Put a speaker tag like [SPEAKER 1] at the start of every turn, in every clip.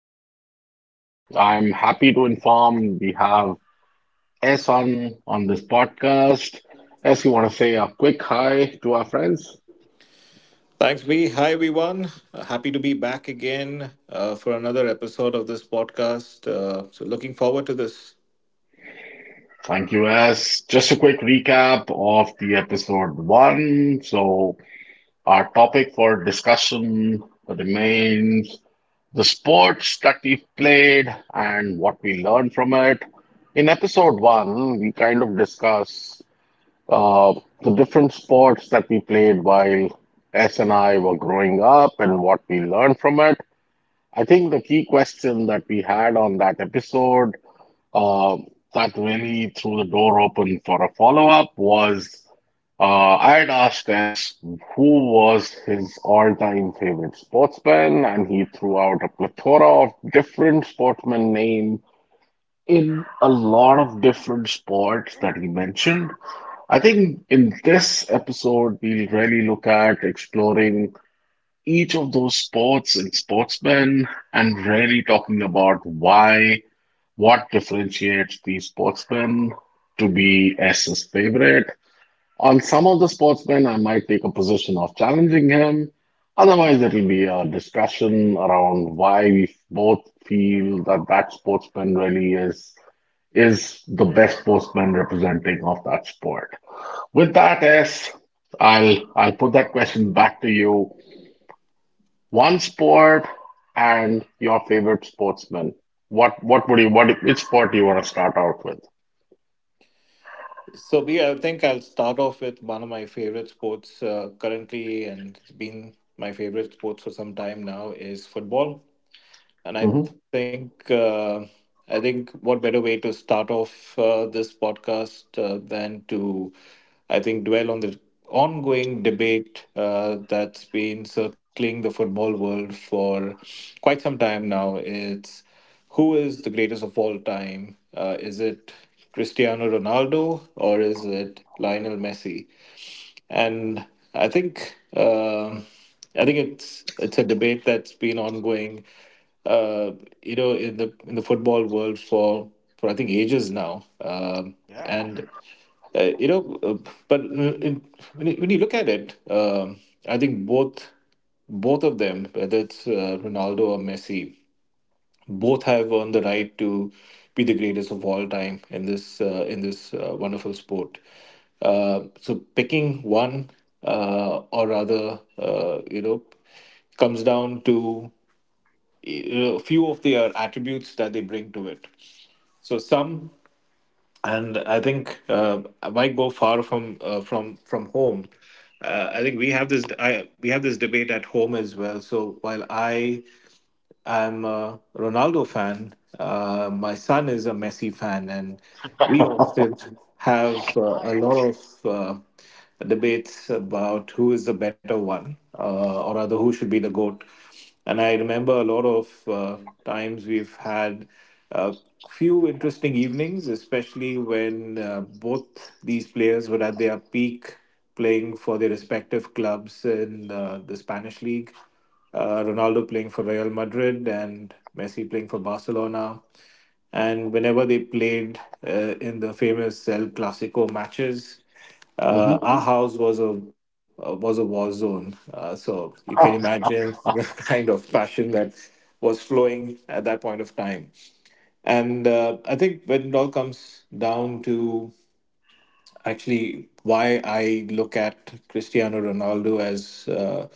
[SPEAKER 1] podcast. I'm happy to inform we have S on this podcast. S, you want to say a quick hi to our friends?
[SPEAKER 2] Thanks, B. Hi, everyone. Happy to be back again for another episode of this podcast. Looking forward to this.
[SPEAKER 1] Thank you, S. Just a quick recap of the episode one. So, our topic for discussion remains the sports that we've played and what we learned from it. In episode one, we kind of discuss uh, the different sports that we played while S and I were growing up and what we learned from it. I think the key question that we had on that episode, uh, that really threw the door open for a follow-up was I had asked S who was his all-time favorite sportsman, and he threw out a plethora of different sportsman names in a lot of different sports that he mentioned. I think in this episode, we'll really look at exploring each of those sports and sportsmen and really talking about why, what differentiates these sportsmen to be S's favorite. On some of the sportsmen, I might take a position of challenging him. Otherwise, it'll be a discussion around why we both feel that that sportsman really is the best sportsman representing of that sport. With that, S, I'll put that question back to you. One sport and your favorite sportsman. What would you what which sport do you want to start out with?
[SPEAKER 2] So, B, I think I'll start off with one of my favorite sports currently, and it's been my favorite sports for some time now is football.
[SPEAKER 1] Hmm.
[SPEAKER 2] And I think what better way to start off this podcast than to I think dwell on the ongoing debate that's been circling the football world for quite some time now. It's who is the greatest of all time? Is it Cristiano Ronaldo or is it Lionel Messi? And I think um I think it's a debate that's been ongoing, uh, in the football world for I think ages now,
[SPEAKER 1] Yeah.
[SPEAKER 2] and you know, but in, when when you look at it, I think both of them, whether it's Ronaldo or Messi, both have earned the right to be the greatest of all time in this wonderful sport. So picking one or rather, you know, comes down to a few of their attributes that they bring to it. So some, and I think I might go far from from home. I think we have we have this debate at home as well. So while I I'm a Ronaldo fan. My son is a Messi fan, and we often
[SPEAKER 1] Okay.
[SPEAKER 2] have a lot
[SPEAKER 1] Nice.
[SPEAKER 2] of debates about who is the better one, who should be the goat. And I remember a lot of times we've had a few interesting evenings, especially when both these players were at their peak playing for their respective clubs in the Spanish league, Ronaldo playing for Real Madrid and Messi playing for Barcelona. And whenever they played in the famous El Clasico matches,
[SPEAKER 1] Hmm.
[SPEAKER 2] our house was a war zone. So you can
[SPEAKER 1] Hmm.
[SPEAKER 2] imagine the kind of passion that was flowing at that point of time. And I think when it all comes down to actually why I look at Cristiano Ronaldo as uh,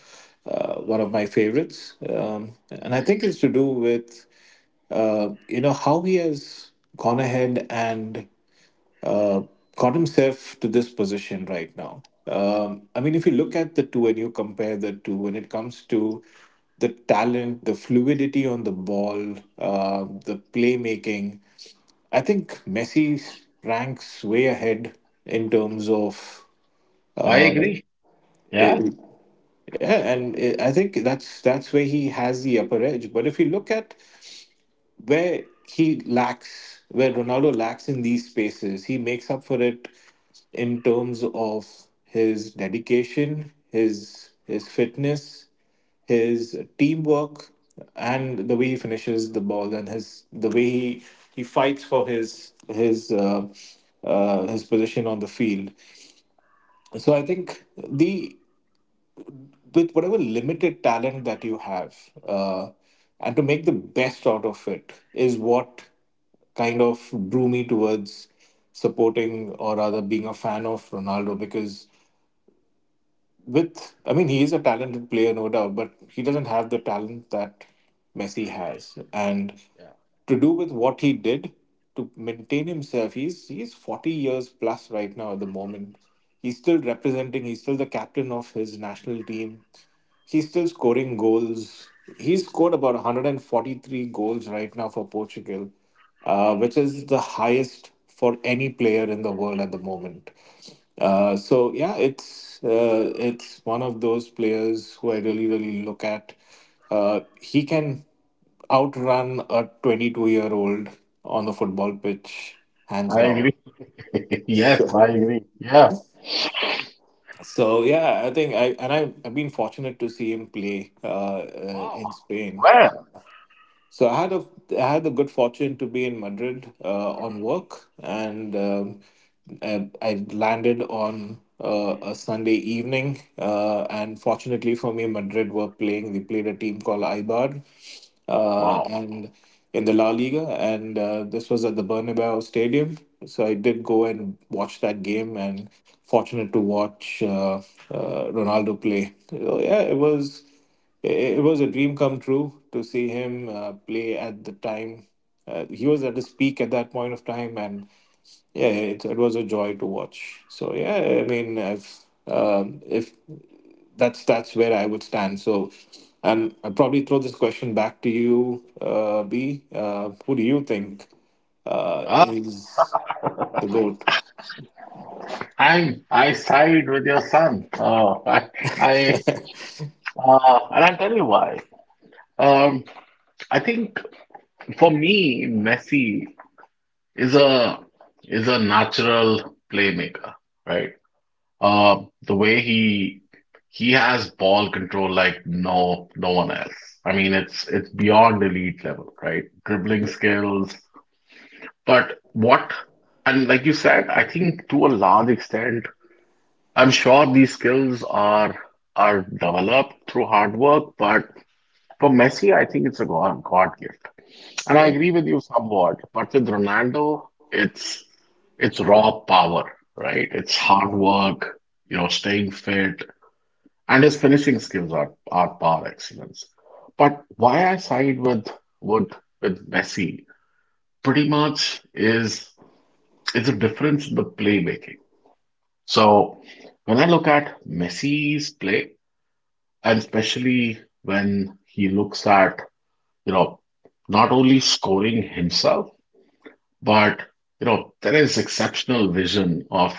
[SPEAKER 2] uh, one of my favorites. And I think it's to do with you know how he has gone ahead and uh, got himself to this position right now. I mean, if you look at the two and you compare the two, when it comes to the talent, the fluidity on the ball, the playmaking, I think Messi ranks way ahead in terms of
[SPEAKER 1] I
[SPEAKER 2] right.
[SPEAKER 1] agree. Yeah.
[SPEAKER 2] it- I think that's where he has the upper edge. But if you look at where Ronaldo lacks in these spaces, he makes up for it in terms of his dedication, his fitness, his teamwork, and the way he finishes the ball and his the way he fights for his position on the field. So I think the with whatever limited talent that you have uh, and to make the best out of it is what kind of drew me towards supporting or rather being a fan of Ronaldo because with I mean he is a talented player no doubt but he doesn't have the talent that Messi has, and
[SPEAKER 1] Yeah.
[SPEAKER 2] to do with what he did to maintain himself, he's 40 years plus right now at the moment. He's still representing, he's still the captain of his national team. He's still scoring goals. He's scored about 143 goals right now for Portugal, which is the highest for any player in the world at the moment. It's one of those players who I really really look at. He can outrun a 22-year-old on the football pitch, hands
[SPEAKER 1] I
[SPEAKER 2] down.
[SPEAKER 1] agree.
[SPEAKER 2] So,
[SPEAKER 1] Yes, I agree. Yeah.
[SPEAKER 2] so yeah, I think I and I, I've been fortunate to see him play in
[SPEAKER 1] Wow.
[SPEAKER 2] Spain.
[SPEAKER 1] Well.
[SPEAKER 2] So I had a I had the good fortune to be in Madrid on work, and I landed on a Sunday evening. And fortunately for me, Madrid were playing. They played a team called Eibar,
[SPEAKER 1] Wow.
[SPEAKER 2] and in the La Liga, and this was at the Bernabeu Stadium. So I did go and watch that game, and fortunate to watch Ronaldo play. So yeah, it was. It was a dream come true to see him play at the time. He was at his peak at that point of time, and yeah, it was a joy to watch. So yeah, I mean, if that's where I would stand. So, and I'll probably throw this question back to you, B. Who do you think
[SPEAKER 1] Uh,
[SPEAKER 2] is the goat?
[SPEAKER 1] I side with your son. I and I'll tell you why. Um, I think for me, Messi is a natural playmaker, right? The way he has ball control like no one else. I mean, it's beyond elite level, right? Dribbling skills. But what And like you said, I think to a large extent, I'm sure these skills are developed through hard work, but for Messi, I think it's a God gift. And I
[SPEAKER 2] Yeah,
[SPEAKER 1] agree with you somewhat, but with Ronaldo, it's raw power, right? It's hard work, staying fit, and his finishing skills are par excellence. But why I side with with Messi pretty much is a difference in the playmaking. So when I look at Messi's play, and especially when he looks at, you know, not only scoring himself, but you know there is exceptional vision of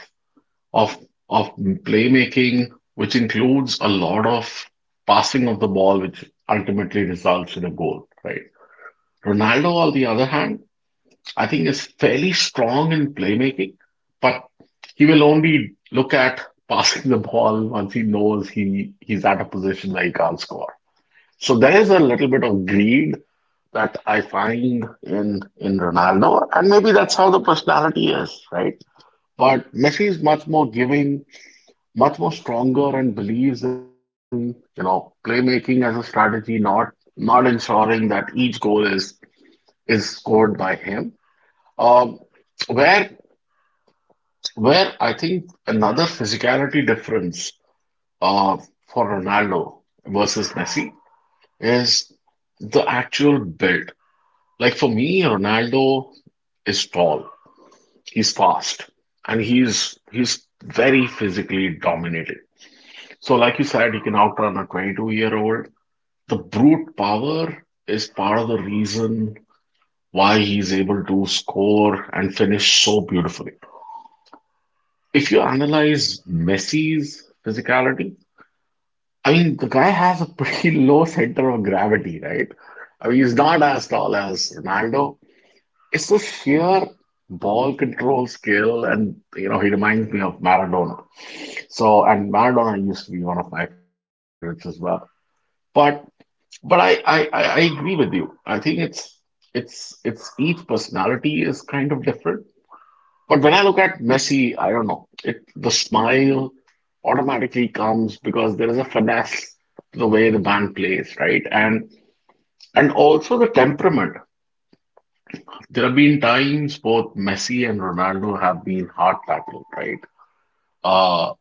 [SPEAKER 1] of playmaking, which includes a lot of passing of the ball, which ultimately results in a goal, right? Ronaldo, on the other hand, I think is fairly strong in playmaking, but he will only look at passing the ball once he knows he's at a position where he can't score. So there is a little bit of greed that I find in Ronaldo, and maybe that's how the personality is, right? But Messi is much more giving, much more stronger, and believes in, playmaking as a strategy, not ensuring that each goal is scored by him. Um, where where I think another physicality difference uh, for Ronaldo versus Messi is the actual build. Like for me, Ronaldo is tall. He's fast, and he's very physically dominated. So, like you said, he can outrun a 22-year-old year old. The brute power is part of the reason why he's able to score and finish so beautifully. If you analyze Messi's physicality, I mean, the guy has a pretty low center of gravity, right? I mean, he's not as tall as Ronaldo. It's the sheer ball control skill, and, you know, he reminds me of Maradona. So, and Maradona used to be one of my favorites as well. But, but I agree with you. I think it's each personality is kind of different. But when I look at Messi, I don't know. The smile automatically comes because there is a finesse to the way the man plays, right? And also the temperament. There have been times both Messi and Ronaldo have been hard tackled, right? Uh,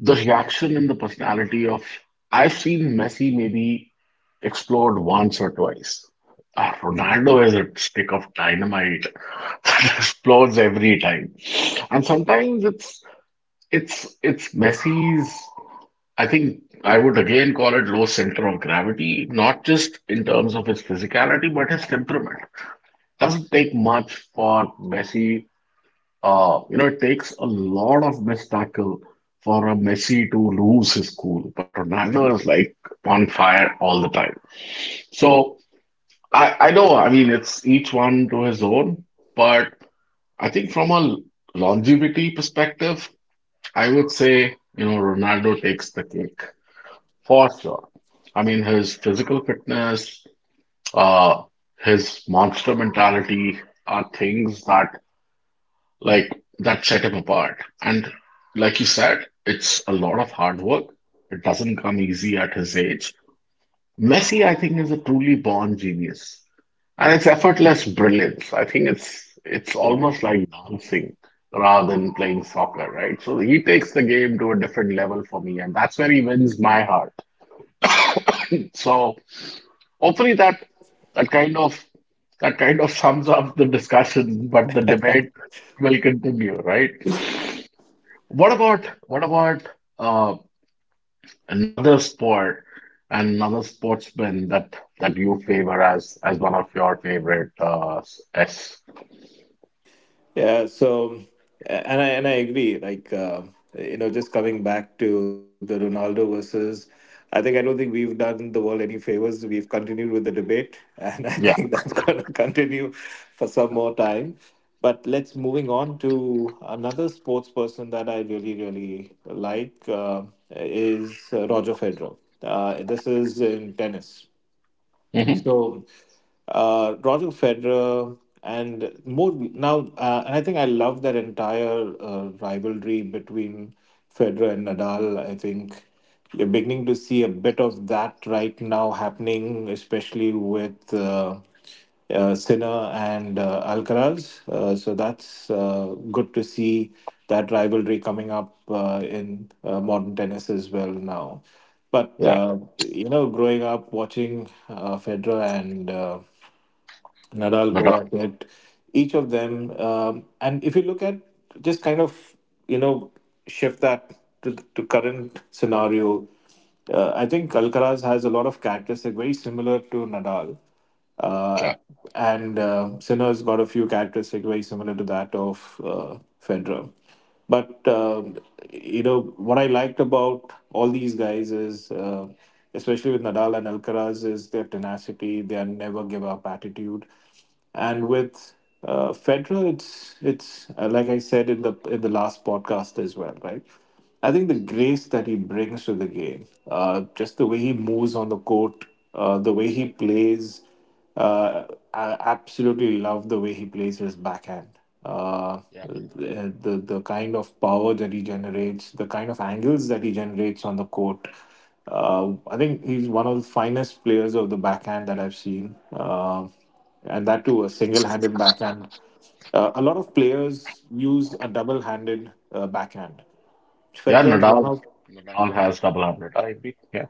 [SPEAKER 1] the reaction and the personality of — I've seen Messi maybe explode once or twice. Ah, Ronaldo is a stick of dynamite that explodes every time. And sometimes it's Messi's, I think I would again call it low center of gravity, not just in terms of his physicality, but his temperament. Doesn't take much for Messi. It takes a lot of missed tackle for a Messi to lose his cool, but Ronaldo is like on fire all the time. So I know, I mean, it's each one to his own, but I think from a longevity perspective, I would say, Ronaldo takes the cake for sure. I mean, his physical fitness, uh, his monster mentality are things that like that set him apart. And like you said, it's a lot of hard work. It doesn't come easy at his age. Messi, I think, is a truly born genius. And it's effortless brilliance. I think it's
[SPEAKER 2] yeah.
[SPEAKER 1] almost like dancing rather than playing soccer, right? So he takes the game to a different level for me, and that's where he wins my heart. So hopefully that kind of that kind of sums up the discussion, but the debate will continue, right? What about uh, another sport, another sportsman that you favor as one of your favorite
[SPEAKER 2] Yeah, so and I agree. Just coming back to I think I don't think we've done the world any favors. We've continued with the debate, and I
[SPEAKER 1] yeah.
[SPEAKER 2] think that's going to continue for some more time. But let's moving on to another sports person that I really really like is Roger Federer. This is in tennis.
[SPEAKER 1] Mhm.
[SPEAKER 2] So Roger Federer, and more now, and I think I love that entire rivalry between Federer and Nadal. I think you're beginning to see a bit of that right now happening, especially with. Sinner and Alcaraz. So that's good to see that rivalry coming up in modern tennis as well now. But
[SPEAKER 1] Yeah.
[SPEAKER 2] growing up watching Federer and Nadal go
[SPEAKER 1] Nadal.
[SPEAKER 2] at it. Each of them, and if you look at just kind of you know shift that to current scenario, I think Alcaraz has a lot of characteristic very similar to Nadal, uh,
[SPEAKER 1] Yeah.
[SPEAKER 2] and Sinner's got a few characteristics very similar to that of Federer. But you know what I liked about all these guys is, especially with Nadal and Alcaraz, is their tenacity, their never give up attitude, and with Federer, it's like I said in the last podcast as well, right? I think the grace that he brings to the game, just the way he moves on the court, the way he plays. Uh, I absolutely love the way he plays his backhand.
[SPEAKER 1] Yeah.
[SPEAKER 2] The kind of power that he generates, the kind of angles that he generates on the court. I think he's one of the finest players of the backhand that I've seen, and that too a single-handed backhand. A lot of players use a double-handed backhand.
[SPEAKER 1] Yeah.
[SPEAKER 2] Federer is one
[SPEAKER 1] Nadal.
[SPEAKER 2] of
[SPEAKER 1] Nadal has double hundred IB. Yeah.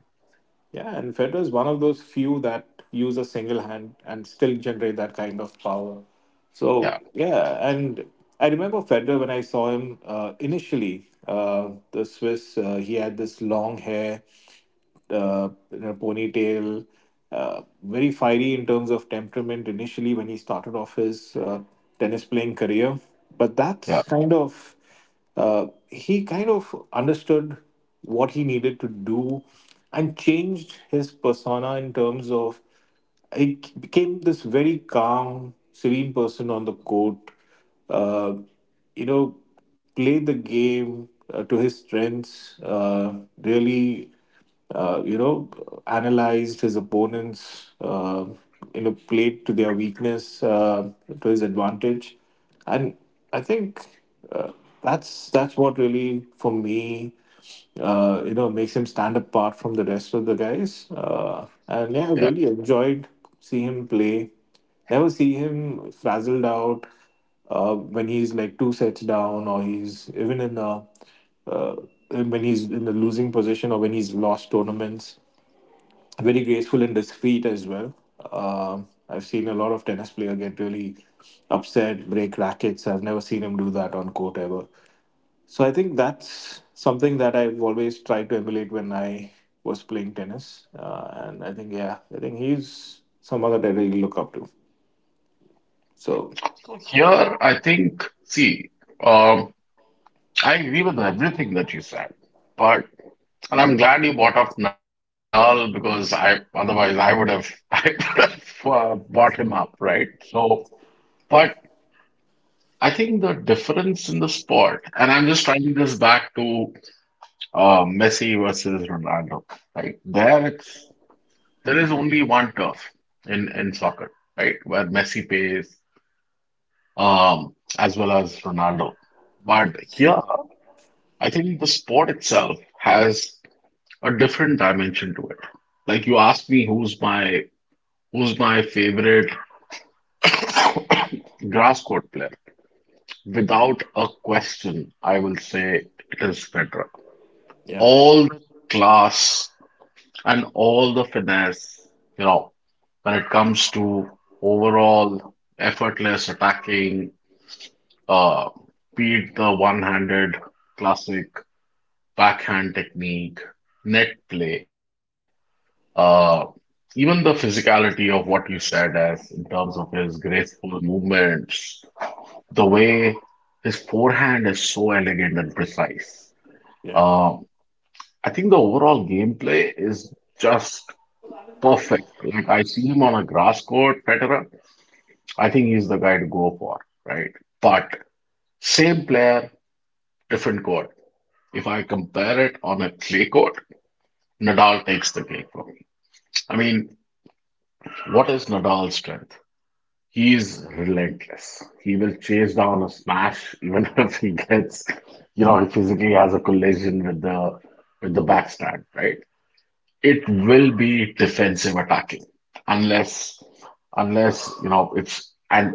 [SPEAKER 2] yeah, and Federer is one of those few that use a single hand and still generate that kind of power. So
[SPEAKER 1] Yeah.
[SPEAKER 2] yeah, and I remember Federer when I saw him initially. The Swiss, he had this long hair, a ponytail, very fiery in terms of temperament initially when he started off his tennis playing career. But
[SPEAKER 1] Yeah.
[SPEAKER 2] that's kind of, he kind of understood what he needed to do and changed his persona in terms of became this very calm, serene person on the court. Uh, you know, Played the game to his strengths. Uh, you know, Analyzed his opponents. Played to their weakness to his advantage and I think uh, that's what really for me makes him stand apart from the rest of the guys. And yeah, I have
[SPEAKER 1] Yeah.
[SPEAKER 2] really enjoyed see him play, never see him frazzled out when he's like two sets down or he's even in a uh, when he's in the losing position or when he's lost tournaments. Very graceful in his feet as well. Um, I've seen a lot of tennis player get really upset, break rackets. I've never seen him do that on court ever. So I think that's something that I've always tried to emulate when I was playing tennis. And I think yeah, I think he's someone that I really look up to. So
[SPEAKER 1] So here I think, see um I agree with everything that you said, but. And I'm glad you bought up Nadal because I otherwise I would have I would have bought him up, right? So, but I think the difference in the sport, and I'm just tying this back to Messi versus Ronaldo, right? There is only one turf in soccer, right? Where Messi plays as well as Ronaldo. But here, I think the sport itself has a different dimension to it. Like you asked me who's my favorite grass court player? Without a question, I will say it is Federer.
[SPEAKER 2] yeah,
[SPEAKER 1] All the class and all the finesse, you know, when it comes to overall effortless attacking, uh, beat the one-handed classic backhand technique, net play, uh, even the physicality of what you said as in terms of his graceful movements, the way his forehand is so elegant and precise.
[SPEAKER 2] yeah.
[SPEAKER 1] Uh, I think the overall gameplay is just perfect. Like I see him on a grass court, Federer. I think he's the guy to go for, right? But same player, different court. If I compare it on a clay court, Nadal takes the cake for me. I mean, what is Nadal's strength? He is relentless. He will chase down a smash even if he gets, he physically has a collision with the backstand, right? It will be defensive attacking, unless unless you know it's, and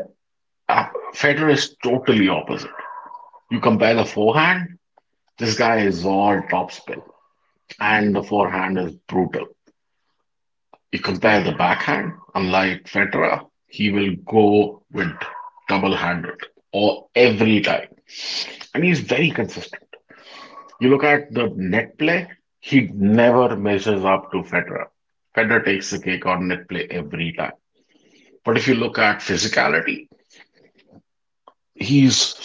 [SPEAKER 1] uh, Federer is totally opposite. You compare the forehand, this guy is all topspin, and the forehand is brutal. You compare the backhand, unlike Federer, he will go with double-handed or every time, and he's very consistent. You look at the net play, he never measures up to Federer. Federer takes the cake on net play every time. But if you look at physicality, he's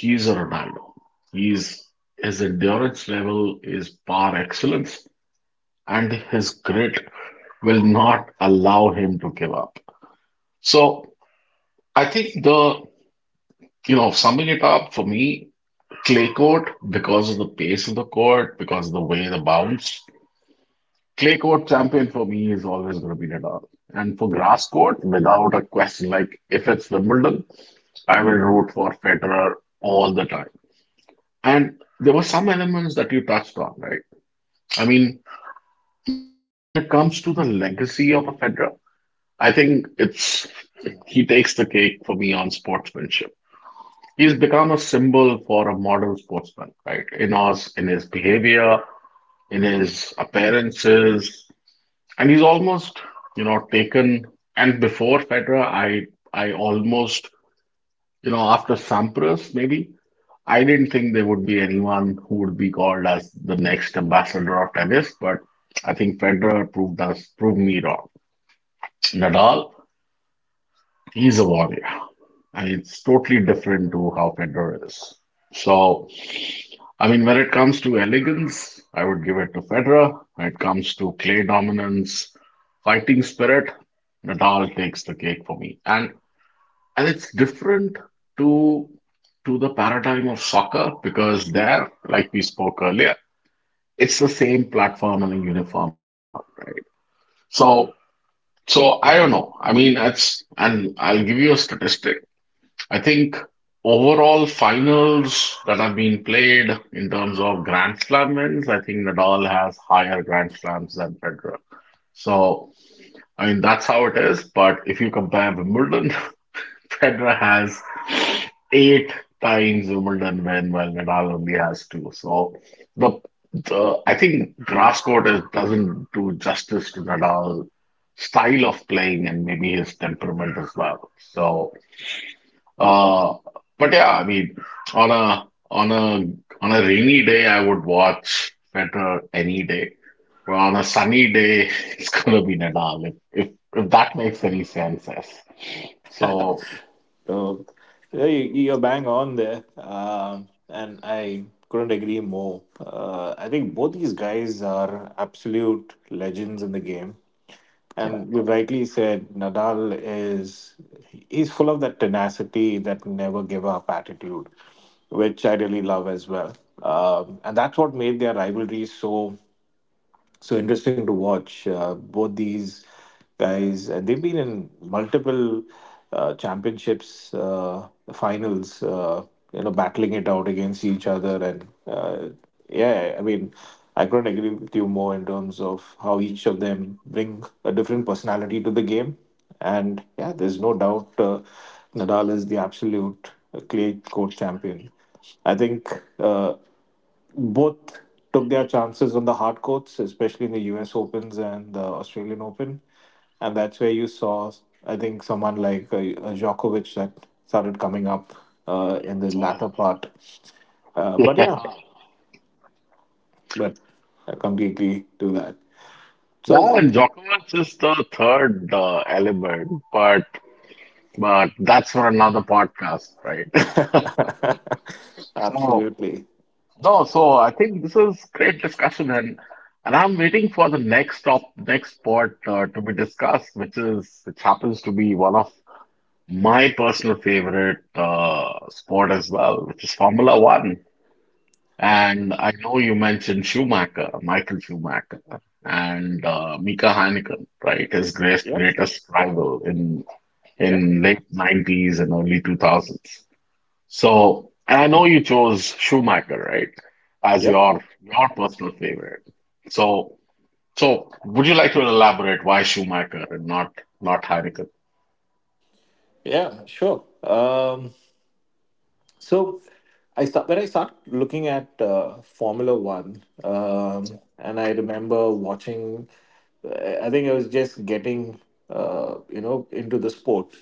[SPEAKER 1] he's a Ronaldo. He's his endurance level is par excellence, and his grit will not allow him to give up. So I think summing it up for me, clay court, because of the pace of the court, because of the way the bounce, clay court champion for me is always going to be Nadal. And for grass court, without a question, like if it's Wimbledon, I will root for Federer all the time. And there were some elements that you touched on, right? I mean, when it comes to the legacy of a Federer, I think it's he takes the cake for me on sportsmanship. He's become a symbol for a model sportsman, right? In us, in his behavior, in his appearances, and he's almost, taken. And before Federer, I almost, after Sampras, maybe I didn't think there would be anyone who would be called as the next ambassador of tennis, but I think Federer proved me wrong. Nadal, he's a warrior, and it's totally different to how Federer is. So, I mean, when it comes to elegance, I would give it to Federer. When it comes to clay dominance, fighting spirit, Nadal takes the cake for me. And it's different to to the paradigm of soccer because there, like we spoke earlier, it's the same platform and a uniform platform, right? So so I don't know. I mean, that's and I'll give you a statistic. I think overall finals that have been played in terms of Grand Slam wins, I think Nadal has higher Grand Slams than Federer. So, I mean, that's how it is. But if you compare Wimbledon, Federer has eight times Wimbledon win, while Nadal only has two. So, the, the I think grass court doesn't do justice to Nadal's style of playing and maybe his temperament as well. Uh, but yeah, I mean, on a on a on a rainy day, I would watch better any day. But on a sunny day, it's gonna be Nadal. If that makes any sense, yes. So
[SPEAKER 2] So yeah, you're bang on there, and I couldn't agree more. I think both these guys are absolute legends in the game.
[SPEAKER 1] yeah.
[SPEAKER 2] And you rightly said Nadal is he's full of that tenacity, that never give up attitude, which I really love as well. And that's what made their rivalry so interesting to watch both these guys, and they've been in multiple championships, finals. Battling it out against each other, and yeah, I mean, I couldn't agree with you more in terms of how each of them bring a different personality to the game, and yeah, there's no doubt, Nadal is the absolute clay court champion, I think. Uh, Both took their chances on the hard courts, especially in the US Opens and the Australian Open. And that's where you saw, I think, someone like Djokovic that started coming up in the
[SPEAKER 1] Oh yeah.
[SPEAKER 2] latter part. Uh, but
[SPEAKER 1] Yeah.
[SPEAKER 2] yeah,
[SPEAKER 1] Ah,
[SPEAKER 2] but I completely do that.
[SPEAKER 1] yeah.
[SPEAKER 2] So,
[SPEAKER 1] And Djokovic is the third element, but that's for another podcast, right? So.
[SPEAKER 2] absolutely.
[SPEAKER 1] No, so I think this is great discussion and I'm waiting for the next part to be discussed, which is which happens to be one of my personal favorite sport as well, which is Formula One. And I know you mentioned Schumacher, Michael Schumacher, and Mika Häkkinen, right? His greatest
[SPEAKER 2] Yep.
[SPEAKER 1] greatest rival in
[SPEAKER 2] Yeah.
[SPEAKER 1] late 90s and early 2000s. So and I know you chose Schumacher, right, as
[SPEAKER 2] Yep.
[SPEAKER 1] your personal favorite. So would you like to elaborate why Schumacher and not Heineken?
[SPEAKER 2] Yeah. Sure. So I start looking at Formula One, and I remember watching. I think I was just getting into the sport.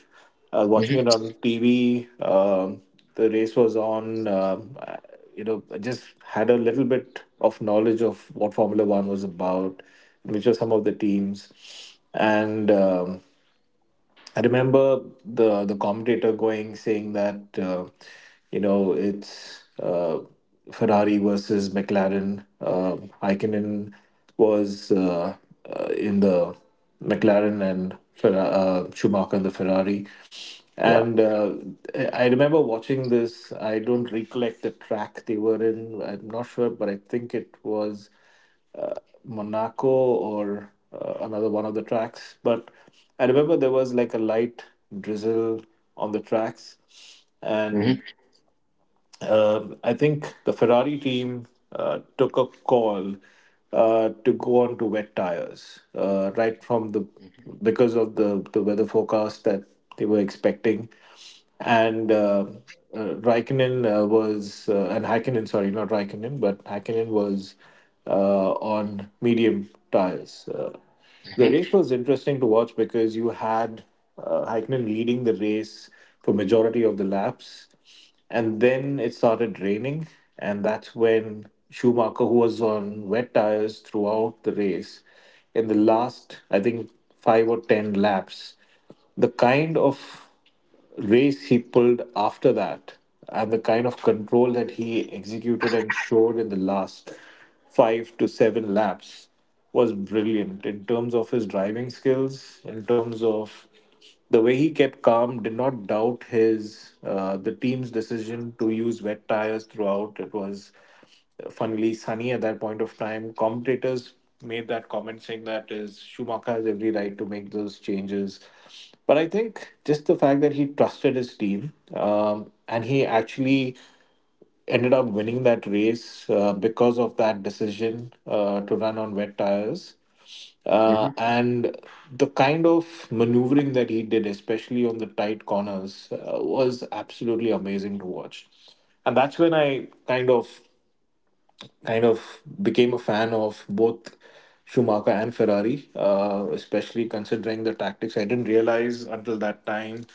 [SPEAKER 2] I was watching it
[SPEAKER 1] Hmm.
[SPEAKER 2] on TV. The race was on. You know, I just had a little bit of knowledge of what Formula One was about, which were some of the teams, and. I remember the commentator going saying that it's Ferrari versus McLaren. Raikkonen was in the McLaren and Schumacher in the Ferrari.
[SPEAKER 1] Yeah.
[SPEAKER 2] And I remember watching this. I don't recollect the track they were in. I'm not sure, but I think it was Monaco or another one of the tracks. But I remember there was like a light drizzle on the tracks, and
[SPEAKER 1] Hmm.
[SPEAKER 2] I think the Ferrari team took a call to go on to wet tires, right from the because of the weather forecast that they were expecting, and Raikkonen, was and Hakkinen, sorry, not Raikkonen but Hakkinen, was on medium tires. The race was interesting to watch because you had Hakkinen leading the race for majority of the laps, and then it started raining, and that's when Schumacher, who was on wet tires throughout the race in the last, I think, 5 or 10 laps, the kind of race he pulled after that and the kind of control that he executed and showed in the last five to seven laps was brilliant in terms of his driving skills, in terms of the way he kept calm, did not doubt his the team's decision to use wet tires throughout. It was funnily sunny at that point of time. Commentators made that comment saying that is Schumacher has every right to make those changes, but I think just the fact that he trusted his team, and he actually ended up winning that race because of that decision to run on wet tires.
[SPEAKER 1] Hmm.
[SPEAKER 2] Uh,
[SPEAKER 1] Hmm.
[SPEAKER 2] and the kind of maneuvering that he did, especially on the tight corners, was absolutely amazing to watch. And that's when I kind of became a fan of both Schumacher and Ferrari, especially considering the tactics. I didn't realize until that time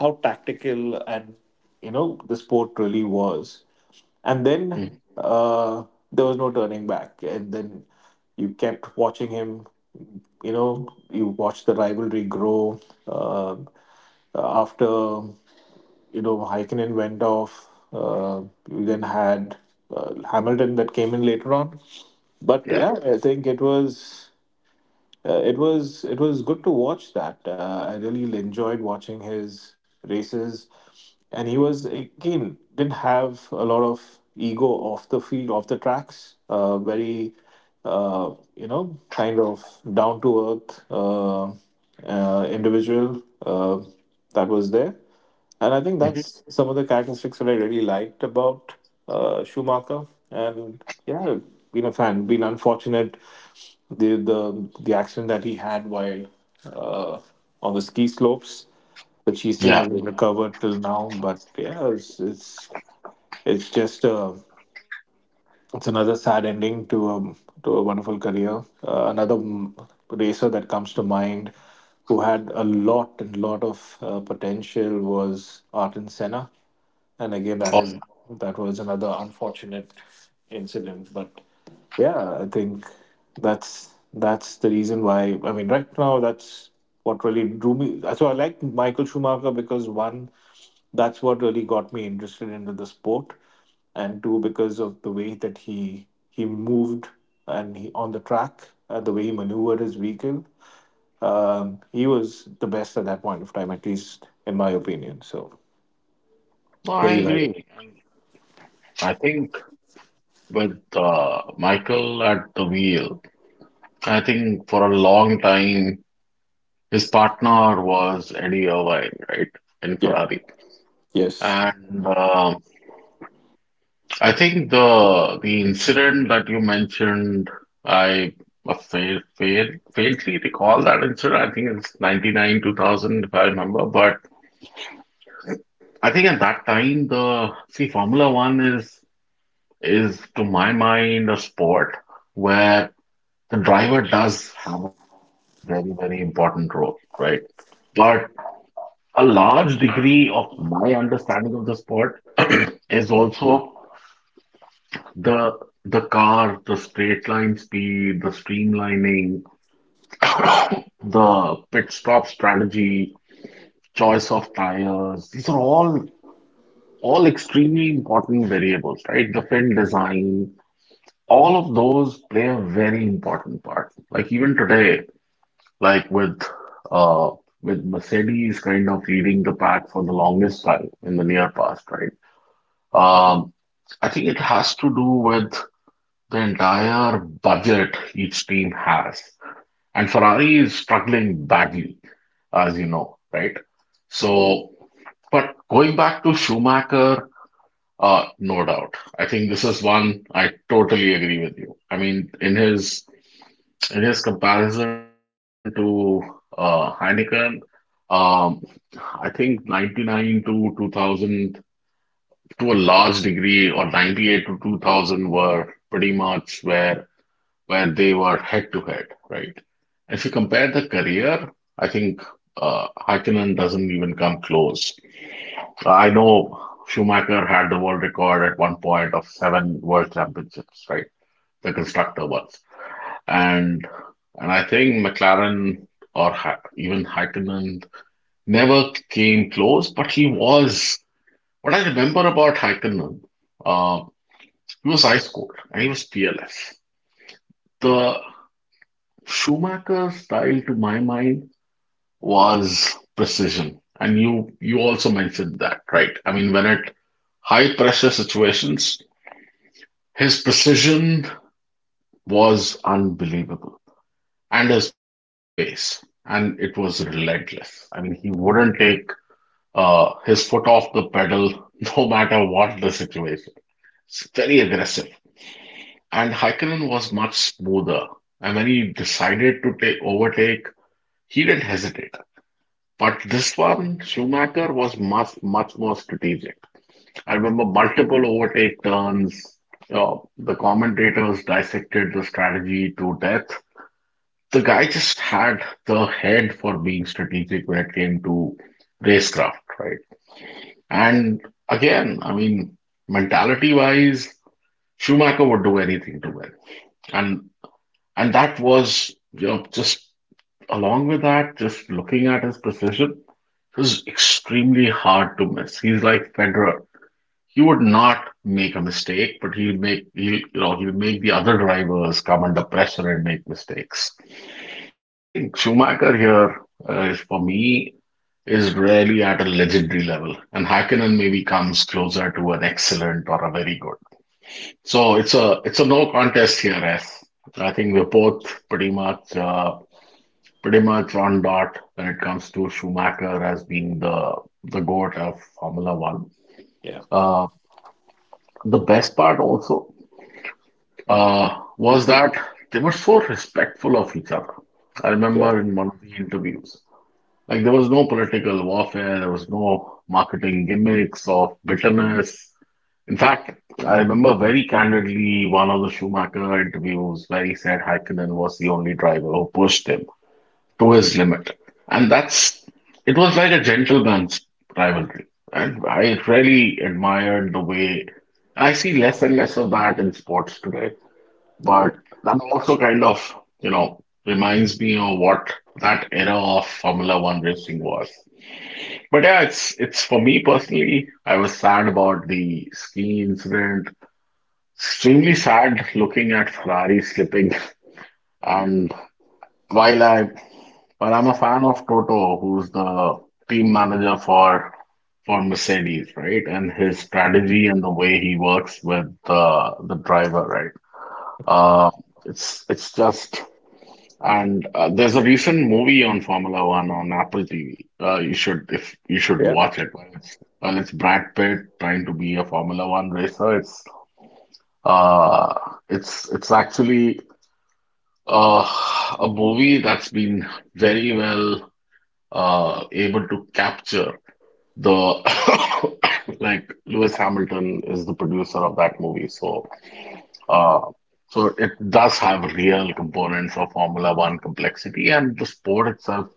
[SPEAKER 2] how tactical and, you know, the sport really was. And
[SPEAKER 1] Hmm.
[SPEAKER 2] then uh, there was no turning back, and then you kept watching him. You know, you watched the rivalry grow. um after, you know, Haikinen went off. You then had Hamilton that came in later on. But
[SPEAKER 1] Yeah.
[SPEAKER 2] yeah, I think it was good to watch that. I really enjoyed watching his races, and he was again didn't have a lot of ego off the field, off the tracks. Very kind of down to earth individual that was there. And I think
[SPEAKER 1] Hmm.
[SPEAKER 2] that's some of the characteristics that I really liked about Schumacher. And yeah, been a fan, been unfortunate, the accident that he had while uh, on the ski slopes, which he still
[SPEAKER 1] Yeah.
[SPEAKER 2] hasn't recovered till now. But yeah, it's just a it's another sad ending to to a wonderful career. Another racer that comes to mind who had a lot and lot of potential was Artin Senna, and again that
[SPEAKER 1] Oh
[SPEAKER 2] is
[SPEAKER 1] yeah.
[SPEAKER 2] that was another unfortunate incident. But yeah, I think that's the reason why. I mean, right now, that's what really drew me. So I like Michael Schumacher because, one, that's what really got me interested into the sport, and two, because of the way that he moved and he on the track, the way he maneuvered his vehicle. He was the best at that point of time, at least in my opinion. So
[SPEAKER 1] No,
[SPEAKER 2] there
[SPEAKER 1] I
[SPEAKER 2] you have it.
[SPEAKER 1] agree. And I think with Michael at the wheel, I think for a long time. His partner was Eddie Irvine, right, in
[SPEAKER 2] Yeah.
[SPEAKER 1] Ferrari.
[SPEAKER 2] Yes.
[SPEAKER 1] And I think the incident that you mentioned, I fail fail faintly recall that incident. I think it's 99, 2000, if I remember. But I think at that time, the see Formula One is to my mind a sport where the driver does have a very, very important role, right? But a large degree of my understanding of the sport is also the the car, the straight line speed, the streamlining, the pit stop strategy, choice of tires. These are all extremely important variables, right? The fin design, all of those play a very important part. Like even today, like uh with Mercedes kind of leading the pack for the longest time in the near past, right? Um, I think it has to do with the entire budget each team has. And Ferrari is struggling badly, as you know, right? So, but going back to Schumacher, no doubt. I think this is one I totally agree with you. I mean, in his comparison to Heineken, um, I think 99 to 2000 to a large degree, or 98 to 2000 were pretty much where they were head to head, right? If you compare the career, I think Häkkinen doesn't even come close. I know Schumacher had the world record at one point of seven world championships, right? The constructor ones, and and I think McLaren or even Häkkinen never came close, but he was. What I remember about Häkkinen, uh, he was ice cold and he was fearless. The Schumacher's style, to my mind, was precision. And you also mentioned that, right? I mean, when at high pressure situations, his precision was unbelievable, and his pace, and it was relentless. I mean, he wouldn't take his foot off the pedal no matter what the situation. It's very aggressive, and Häkkinen was much smoother. And when he decided to take overtake, he didn't hesitate. But this one, Schumacher was much, much more strategic. I remember multiple overtake turns. The commentators dissected the strategy to death. The guy just had the head for being strategic when it came to racecraft, right? And again, I mean, mentality-wise, Schumacher would do anything to win, and that was you know just along with that, just looking at his precision, he's extremely hard to miss. He's like Federer. He would not make a mistake, but he'll you know he'll make the other drivers come under pressure and make mistakes. I think Schumacher here is for me is really at a legendary level, and Hakkinen maybe comes closer to an excellent or a very good. So it's a no contest here, as I think we're both pretty much. Pretty much on dot when it comes to Schumacher as being the goat of Formula One.
[SPEAKER 2] Yeah.
[SPEAKER 1] Uh, the best part also uh, was that they were so respectful of each other. I
[SPEAKER 2] Yeah.
[SPEAKER 1] remember in one of the interviews, like there was no political warfare, there was no marketing gimmicks of bitterness. In fact, I remember very candidly one of the Schumacher interviews where he said Häkkinen was the only driver who pushed him to his limit. And that's it was like a gentleman's rivalry. And I really admired the way I see less and less of that in sports today. But
[SPEAKER 2] True.
[SPEAKER 1] that also kind of, you know, reminds me of what that era of Formula One racing was. But yeah, it's for me personally, I was sad about the ski incident. Extremely sad looking at Ferrari slipping and while I, while I'm a fan of Toto, who's the team manager for Mercedes, right? And his strategy and the way he works with the driver, right? Uh, it's just and there's a recent movie on Formula One on Apple TV. You should if you should
[SPEAKER 2] Yeah.
[SPEAKER 1] watch it. It's Brad Pitt trying to be a Formula One racer. It's uh, it's actually uh, a movie that's been very well able to capture the like Lewis Hamilton is the producer of that movie, so uh, so it does have real components of Formula One complexity, and the sport itself,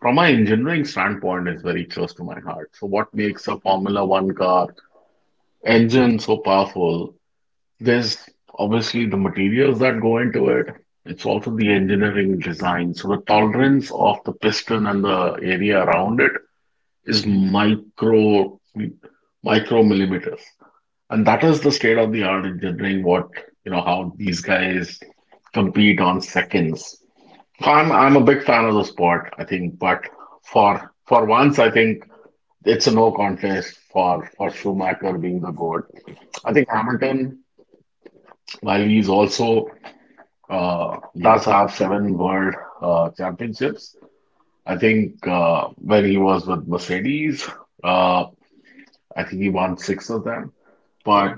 [SPEAKER 1] from an engineering standpoint, is very close to my heart. So what makes a Formula One car engine so powerful? There's obviously the materials that go into it. It's also the engineering design. So the tolerance of the piston and the area around it is micromillimeters, and that is the state of the art engineering. What you know, how these guys compete on seconds. I'm a big fan of the sport. I think, but for once, I think it's a no contest for Schumacher being the goat. I think Hamilton, while he's also does have seven world championships. I think when he was with Mercedes, uh, I think he won six of them.
[SPEAKER 2] Yeah.
[SPEAKER 1] But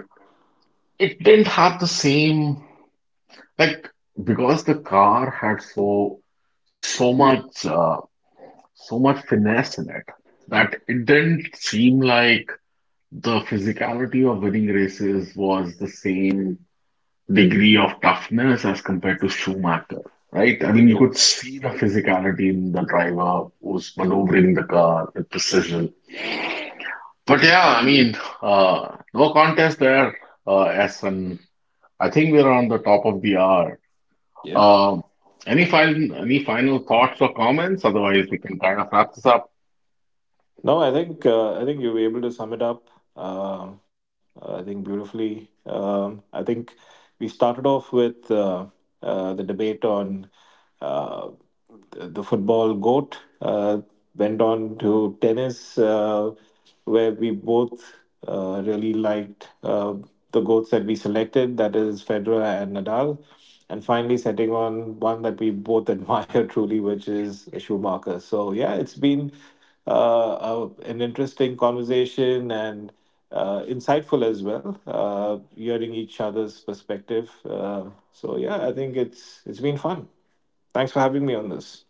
[SPEAKER 1] it didn't have the same like because the car had so much so much finesse in it that it didn't seem like the physicality of winning races was the same degree of toughness as compared to Schumacher, right? I mean, you
[SPEAKER 2] Agree.
[SPEAKER 1] could see the physicality in the driver who's maneuvering the car with precision. But yeah, I mean, uh, no contest there, s N I think we're on the top of the hour.
[SPEAKER 2] Yep.
[SPEAKER 1] Um, any final thoughts or comments? Otherwise, we can kind of wrap this up.
[SPEAKER 2] No, I think you were able to sum it up. Um I think, beautifully. I think we started off with the debate on uh, the football goat. Went on to tennis. Where we both really liked the goats that we selected, that is Federer and Nadal. And finally, setting on one that we both admire truly, which is Schumacher. So yeah, it's been an interesting conversation and insightful as well, hearing each other's perspective. So yeah, I think it's been fun. Thanks for having me on this.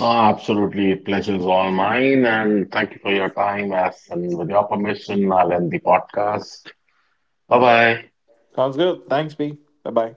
[SPEAKER 1] Ah, absolutely, pleasure's all mine, and thank you for your time. As and with your permission, I'll end the podcast. Bye bye.
[SPEAKER 2] Sounds good. Thanks, B. Bye bye.